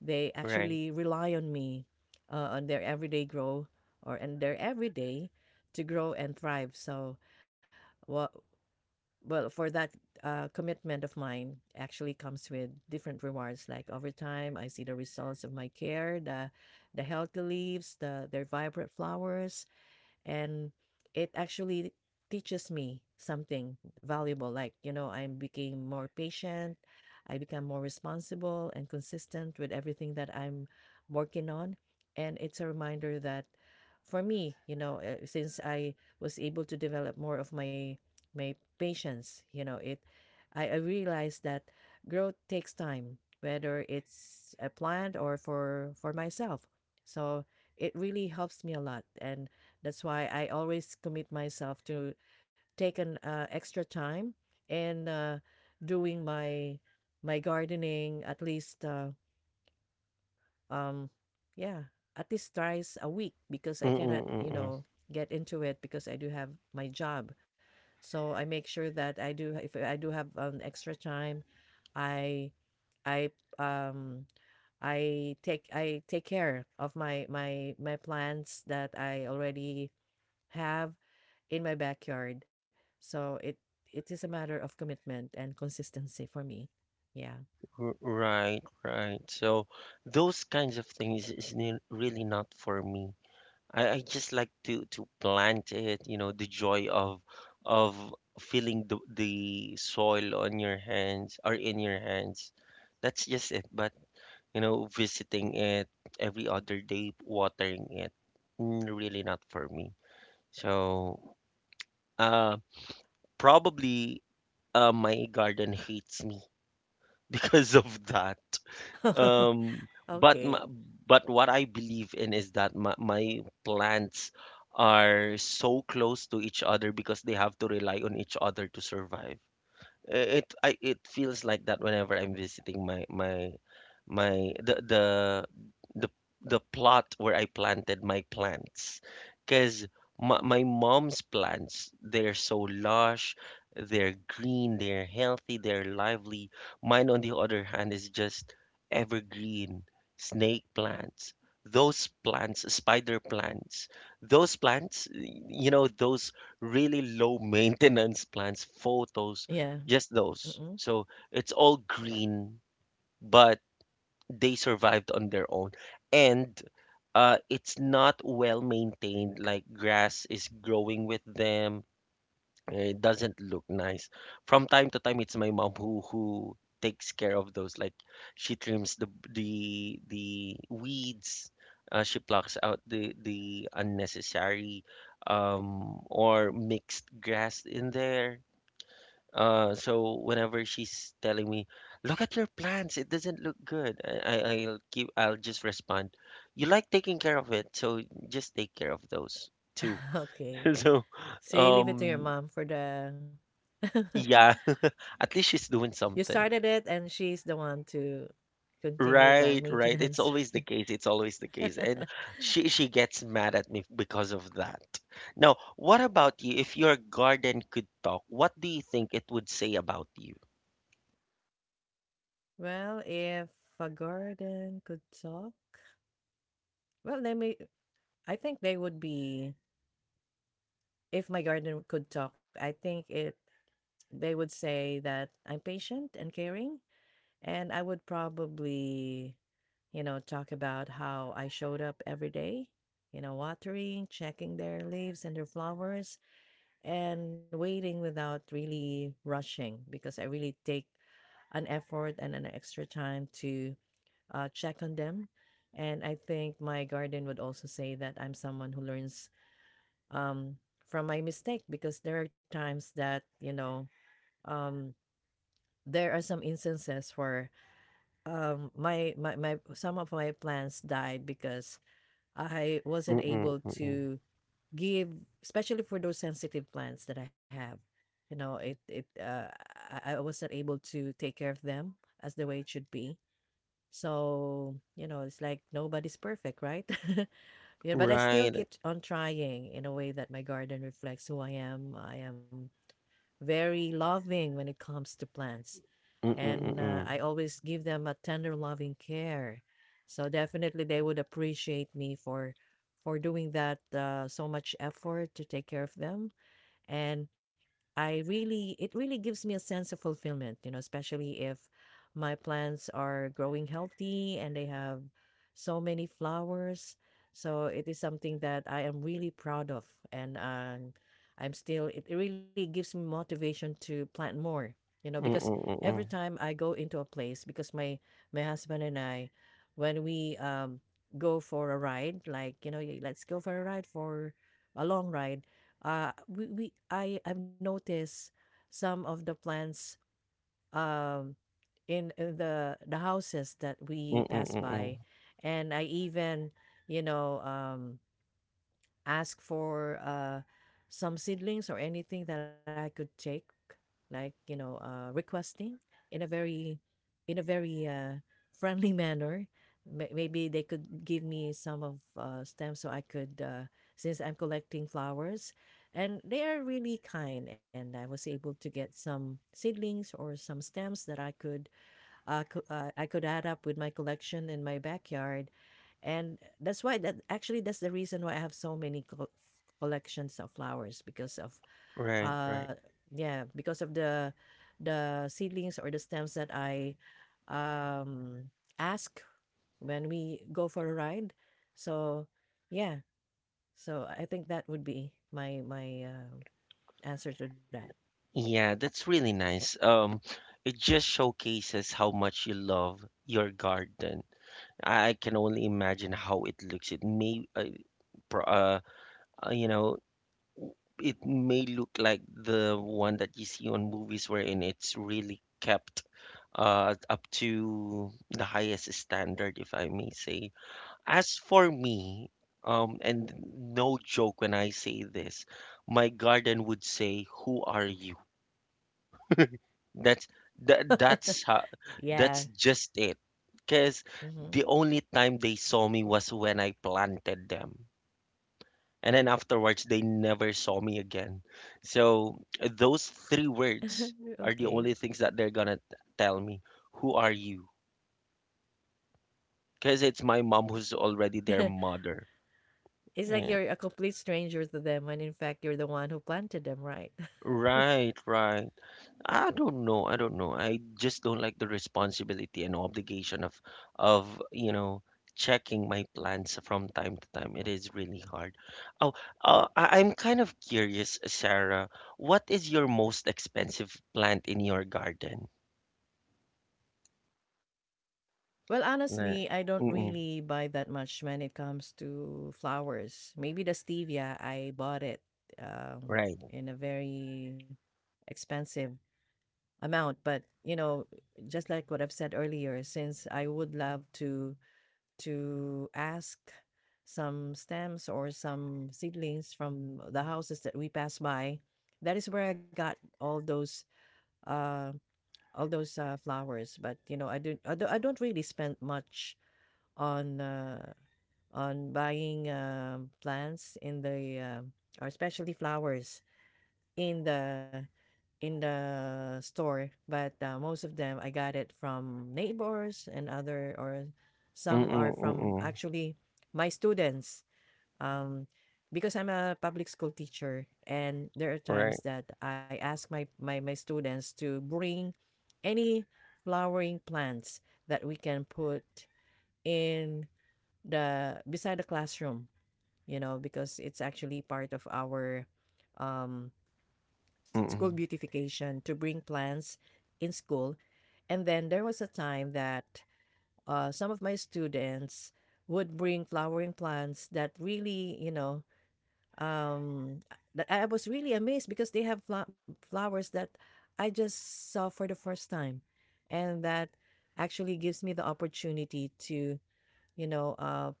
They
right.
actually rely on me, on their everyday grow or and their everyday— to grow and thrive. So what well for that commitment of mine actually comes with different rewards. Like, over time I see the results of my care, the healthy leaves, their vibrant flowers, and it actually teaches me something valuable. Like, I became more patient, I become more responsible and consistent with everything that I'm working on. And it's a reminder that for me, since I was able to develop more of my patience, you know it I realized that growth takes time, whether it's a planned or for myself. So it really helps me a lot, and that's why I always commit myself to take an extra time and doing my gardening at least, um yeah, at least thrice a week, because I cannot
Mm-mm, mm-mm.
get into it because I do have my job. So I make sure that I do— if I do have an extra time, I I um I take care of my plants that I already have in my backyard. So it is a matter of commitment and consistency for me. Yeah.
Right, right. So those kinds of things is really not for me. I just like to plant it, you know, the joy of feeling the soil on your hands or in your hands. That's just it. But, you know, visiting it every other day, watering it, really not for me. So, uh, probably my garden hates me because of that. Um, but
Okay.
but what I believe in is that my plants are so close to each other because they have to rely on each other to survive. It feels like that whenever I'm visiting my my my the the plot where I planted my plants. Because my mom's plants, they're so lush, they're green, they're healthy, they're lively. Mine, on the other hand, is just evergreen snake plants. Those plants, spider plants, those plants, you know, those really low maintenance plants, photos,
Yeah.
just those.
Mm-mm.
So it's all green, but they survived on their own. And it's not well maintained, like grass is growing with them. It doesn't look nice. From time to time, it's my mom who takes care of those. Like she trims the weeds. She plucks out the unnecessary or mixed grass in there so whenever she's telling me, "Look at your plants, it doesn't look good," I I'll keep I'll just respond, "You like taking care of it, so just take care of those too."
Okay.
So,
So you leave it to your
um,
mom for the—
yeah, at least she's doing
you
something.
started it and she's the one to continue the
Right, right. It's
maintenance.
always the case. It's always the case. And she gets mad at me because of that. Now, what about you? If your garden could talk, what do you think it would say about you?
Well, if a garden could talk, well, they may— I think they would be— if my garden could talk, I think it they would say that I'm patient and caring. And I would probably, talk about how I showed up every day, watering, checking their leaves and their flowers, and waiting without really rushing, because I really take an effort and an extra time to check on them. And I think my guardian would also say that I'm someone who learns, um, from my mistake, because there are times that, um, there are some instances where my my my some of my plants died because I wasn't
Mm-mm,
able
mm-mm.
to give— especially for those sensitive plants that I have, you know it it I was not able to take care of them as the way it should be. So it's like nobody's perfect, right? Yeah, but I still
Right.
keep on trying, in a way that my garden reflects who I am. Very loving when it comes to plants,
Mm-mm,
and I
mm-mm.
always give them a tender, loving care. So definitely, they would appreciate me for doing that so much effort to take care of them. And I really it really gives me a sense of fulfillment, you know, especially if my plants are growing healthy and they have so many flowers. So it is something that I am really proud of, and I'm still it really gives me motivation to plant more,
Mm,
because
mm, mm,
every
mm.
time I go into a place— because my husband and I, when we go for a ride, like, let's go for a ride for a long ride, we I I've noticed some of the plants, um in the houses that we
Mm, mm,
pass
mm, mm.
by, and I even you know um ask for some seedlings or anything that I could take, like, requesting in a very in a very uh, friendly manner. Maybe they could give me some of stems so I could, since I'm collecting flowers. And they are really kind, and I was able to get some seedlings or some stems that I could, I could add up with my collection in my backyard. And that's why— that's the reason why I have so many collections of flowers, because of
Right,
uh,
right.
yeah, because of the seedlings or the stems that I um ask when we go for a ride. So yeah, so I think that would be my answer to that.
Yeah, that's really nice. It just showcases how much you love your garden. I can only imagine how it looks. Pro- uh, you know, it may look like the one that you see on movies wherein it's really kept up to the highest standard, if I may say. As for me, and no joke when I say this, my garden would say, "Who are you?" That's that that's how, That's
Yeah.
just it. Because
Hmm.
the only time they saw me was when I planted them, and then afterwards they never saw me again. So those three words are the
Okay.
only things that they're tell me. Who are you? Because it's my mom who's already their mother.
It's like
Yeah.
you're a complete stranger to them when in fact you're the one who planted them, right?
Right, right. I don't know. I don't know. I just don't like the responsibility and obligation of you know, checking my plans from time to time. It is really hard. Oh, I'm kind of curious, Sarah, what is your most expensive plant in your garden?
Well,
Na-
honestly, I don't
Mm-mm,
really buy that much when it comes to flowers. Maybe the stevia, I bought it um,
right.
in a very expensive amount. But just like what I've said earlier, since I would love to ask some stems or some seedlings from the houses that we pass by, that is where I got all those uh flowers. But I don't really spend much on buying plants in the or especially flowers in the in the store. But most of them I got it from neighbors and other or some
Mm-mm,
are from,
mm-mm,
actually, my students, um, because I'm a public school teacher, and there are
right.
times that I ask my students to bring any flowering plants that we can put in the beside the classroom, because it's actually part of our um, school
Mm-mm,
beautification to bring plants in school. And then there was a time that some of my students would bring flowering plants that really, um, that I was really amazed because they have flowers that I just saw for the first time, and that actually gives me the opportunity to, you know, uh,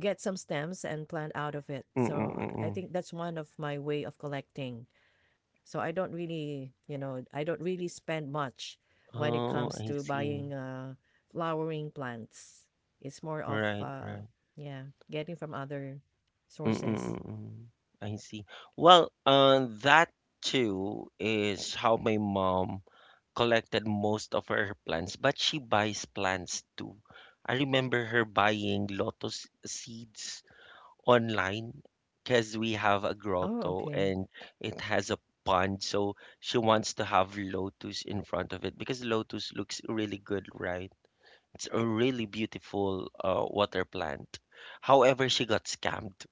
get some stems and plant out of it.
mm-mm,
So I
mm-mm.
think that's one of my way of collecting. So I don't really spend much when it
Oh,
comes
I
to
see.
buying flowering plants. It's more of,
Right, right.
yeah, getting from other
Mm,
sources.
mm. I see. Well, that too is how my mom collected most of her plants, but she buys plants too. I remember her buying lotus seeds online because we have a
Oh,
grotto
okay.
and it has a pond, so she wants to have lotus in front of it because lotus looks really good, right? It's a really beautiful water plant. However, she got scammed.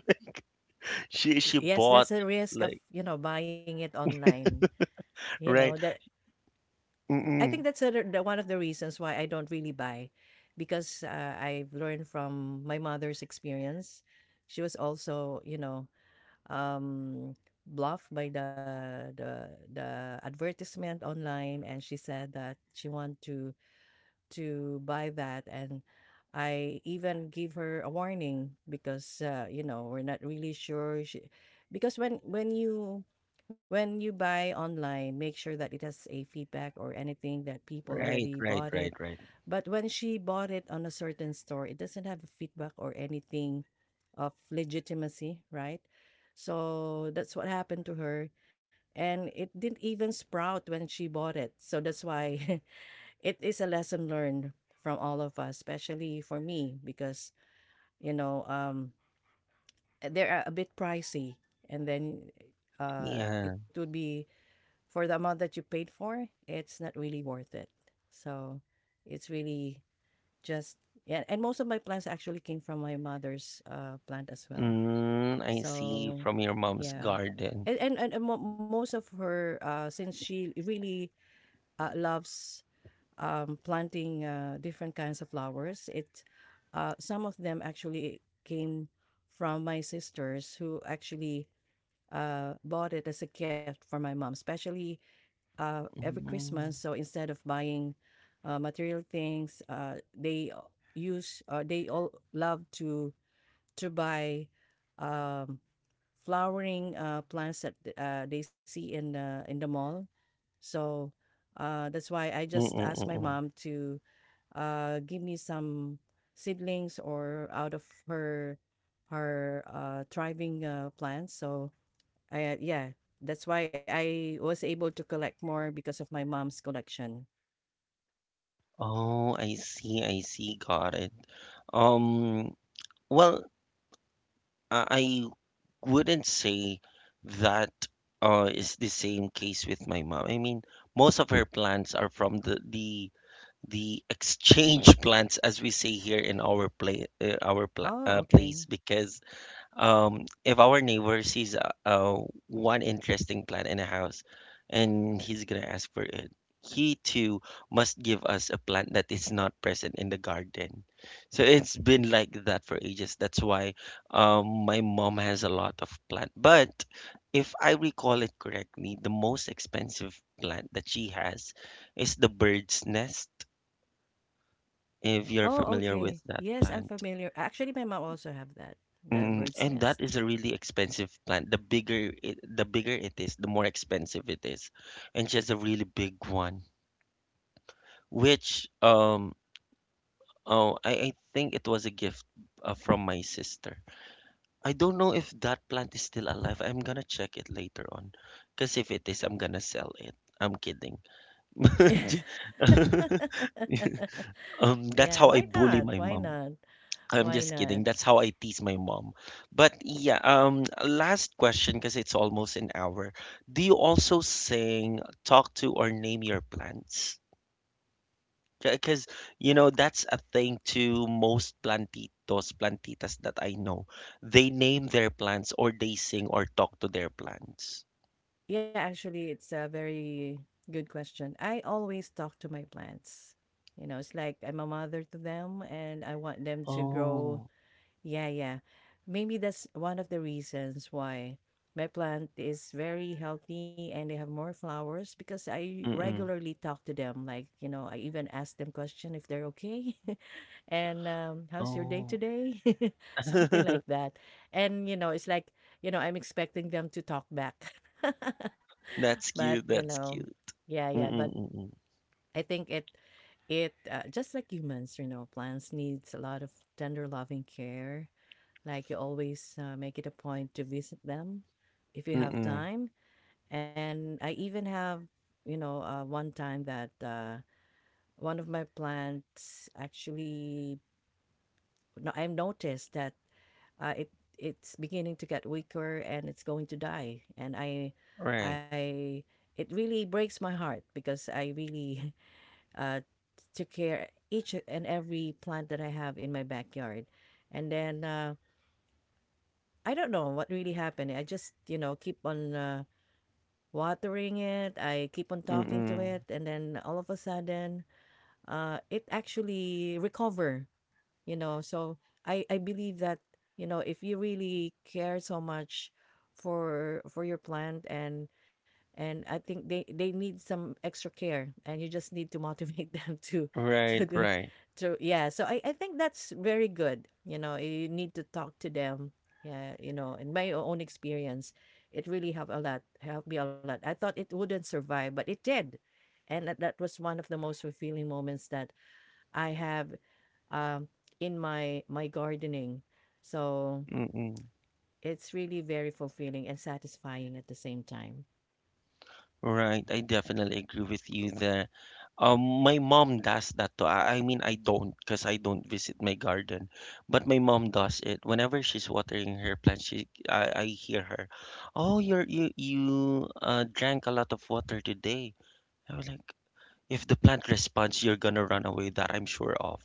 She she
Yes,
bought
that's a risk of,
like
buying it online. You know,
right.
that I think
Mm-mm.
that's the one of the reasons why I don't really buy, because I've learned from my mother's experience. She was also, um, bluffed by the advertisement online, and she said that she want to buy that. And I even give her a warning because, you know, we're not really sure— she, because when— when you buy online, make sure that it has a feedback or anything that people
Right,
already
right,
bought
right,
it.
right.
But when she bought it on a certain store, it doesn't have a feedback or anything of legitimacy, right? So that's what happened to her, and it didn't even sprout when she bought it. So that's why it is a lesson learned from all of us, especially for me, because you know um, they're a bit pricey, and then
Yeah.
it would be— for the amount that you paid for, it's not really worth it. So it's really just yeah, and most of my plants actually came from my mother's plant as well.
Mm, I see
So
from your mom's
yeah,
garden.
and most of her since she really loves planting different kinds of flowers. It Some of them actually came from my sisters who actually bought it as a gift for my mom, especially every Christmas.
Mm.
So instead of buying material things, they use they all love to buy um, flowering plants that they see in the mall. So that's why I just asked my
Mm-mm-mm.
mom to give me some seedlings or out of her thriving plants. So yeah, that's why I was able to collect more because of my mom's collection.
Oh, I see, I see. Got it. Um, well, I wouldn't say that is the same case with my mom. I mean, most of her plants are from the exchange plants, as we say here in our play our pla
Oh,
place,
okay.
because if our neighbor sees one interesting plant in a house and he's gonna ask for it, he too must give us a plant that is not present in the garden. So it's been like that for ages. That's why my mom has a lot of plant. But if I recall it correctly, the most expensive plant that she has is the bird's nest, if you're
Oh,
familiar with
okay.
that
Yes, I'm
plant.
familiar. Actually, my mom also have that, the
Mm,
bird's
and that
nest.
is a really expensive plant. The bigger it is, the more expensive it is. And she has a really big one, which I think it was a gift from my sister. I don't know if that plant is still alive. I'm gonna check it later on, because if it is, I'm gonna sell it. I'm kidding. That's
Yeah,
how I
why
bully
not?
my
Why
mom.
not?
I'm
Why
just
not?
kidding. That's how I tease my mom. But yeah, last question because it's almost an hour. Do you also sing, talk to, or name your plants? Because, you know, that's a thing to most plantitos, plantitas that I know. They name their plants or they sing or talk to their plants.
Yeah, actually, it's a very good question. I always talk to my plants. You know, it's like I'm a mother to them and I want them to grow,
Oh,
yeah, yeah. Maybe that's one of the reasons why my plant is very healthy and they have more flowers because I
Mm-mm.
regularly talk to them. Like, you know, I even ask them question if they're okay. And how's your day
oh,
today? Something like that. And, you know, it's like, you know, I'm expecting them to talk back.
That's
But, you
cute.
know,
That's cute.
yeah, yeah. But
Mm-mm, mm-mm.
I think it, it just like humans, you know, plants needs a lot of tender loving care, like you always make it a point to visit them if you have
Mm-mm.
time. And I even have, you know, one time that one of my plants actually, no, I noticed that uh, it it's beginning to get weaker and it's going to die.
Right.
I, it really breaks my heart because I really uh, took care each and every plant that I have in my backyard. And then I don't know what really happened. I just, you know, keep on watering it. I keep on talking to
Mm-mm.
it, and then all of a sudden, it actually recover. You know, so I believe that, you know, if you really care so much for your plant, and I think they need some extra care, and you just need to motivate them to
Right, right.
So yeah, so I think that's very good. You know, you need to talk to them. Yeah, you know, in my own experience, it really helped a lot, helped me a lot. I thought it wouldn't survive, but it did. And that was one of the most fulfilling moments that I have um in my gardening. So
Mm.
it's really very fulfilling and satisfying at the same time.
Right, I definitely agree with you there. My mom does that too. I mean, I don't because I don't visit my garden, but my mom does it. Whenever she's watering her plants, I hear her, "Oh, you drank a lot of water today." I was like, if the plant responds, you're gonna run away. That I'm sure of.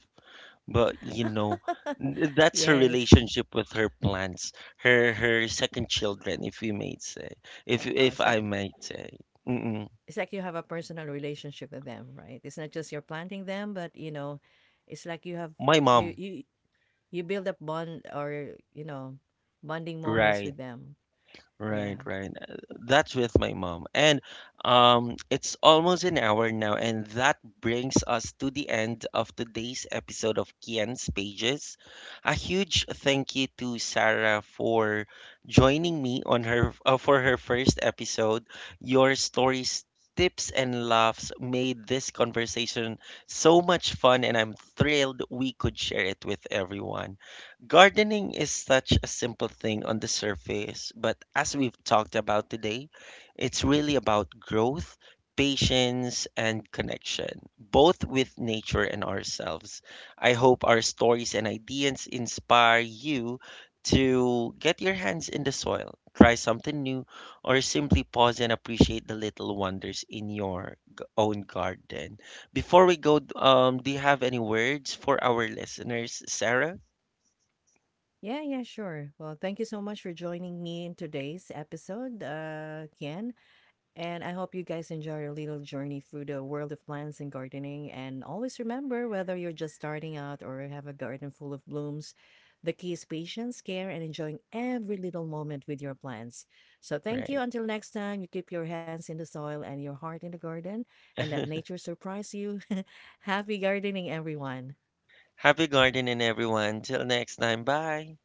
But you know, that's her
Yes.
relationship with her plants, her second children, if we may say, if
It's like
I might say. Mm-mm.
you have a personal relationship with them, right? It's not just you're planting them, but you know, it's like you have
My
you
mom,
you, you build up bond, or you know bonding moments
right?
with them.
Right,
Yeah.
right. That's with my mom. And it's almost an hour now, and that brings us to the end of today's episode of Kian's Pages. A huge thank you to Sarah for joining me on her for her first episode. Your stories, tips, and laughs made this conversation so much fun, and I'm thrilled we could share it with everyone. Gardening is such a simple thing on the surface, but as we've talked about today, it's really about growth, patience, and connection, both with nature and ourselves. I hope our stories and ideas inspire you to get your hands in the soil, try something new, or simply pause and appreciate the little wonders in your own garden. Before we go, do you have any words for our listeners, Sarah?
Yeah, yeah, sure. Well, thank you so much for joining me in today's episode, Ken. And I hope you guys enjoy your little journey through the world of plants and gardening. And always remember, whether you're just starting out or have a garden full of blooms, the key is patience, care, and enjoying every little moment with your plants. So thank you.
Right.
Until next time, you keep your hands in the soil and your heart in the garden and let nature surprise you. Happy gardening, everyone.
Happy gardening, everyone. Till next time. Bye.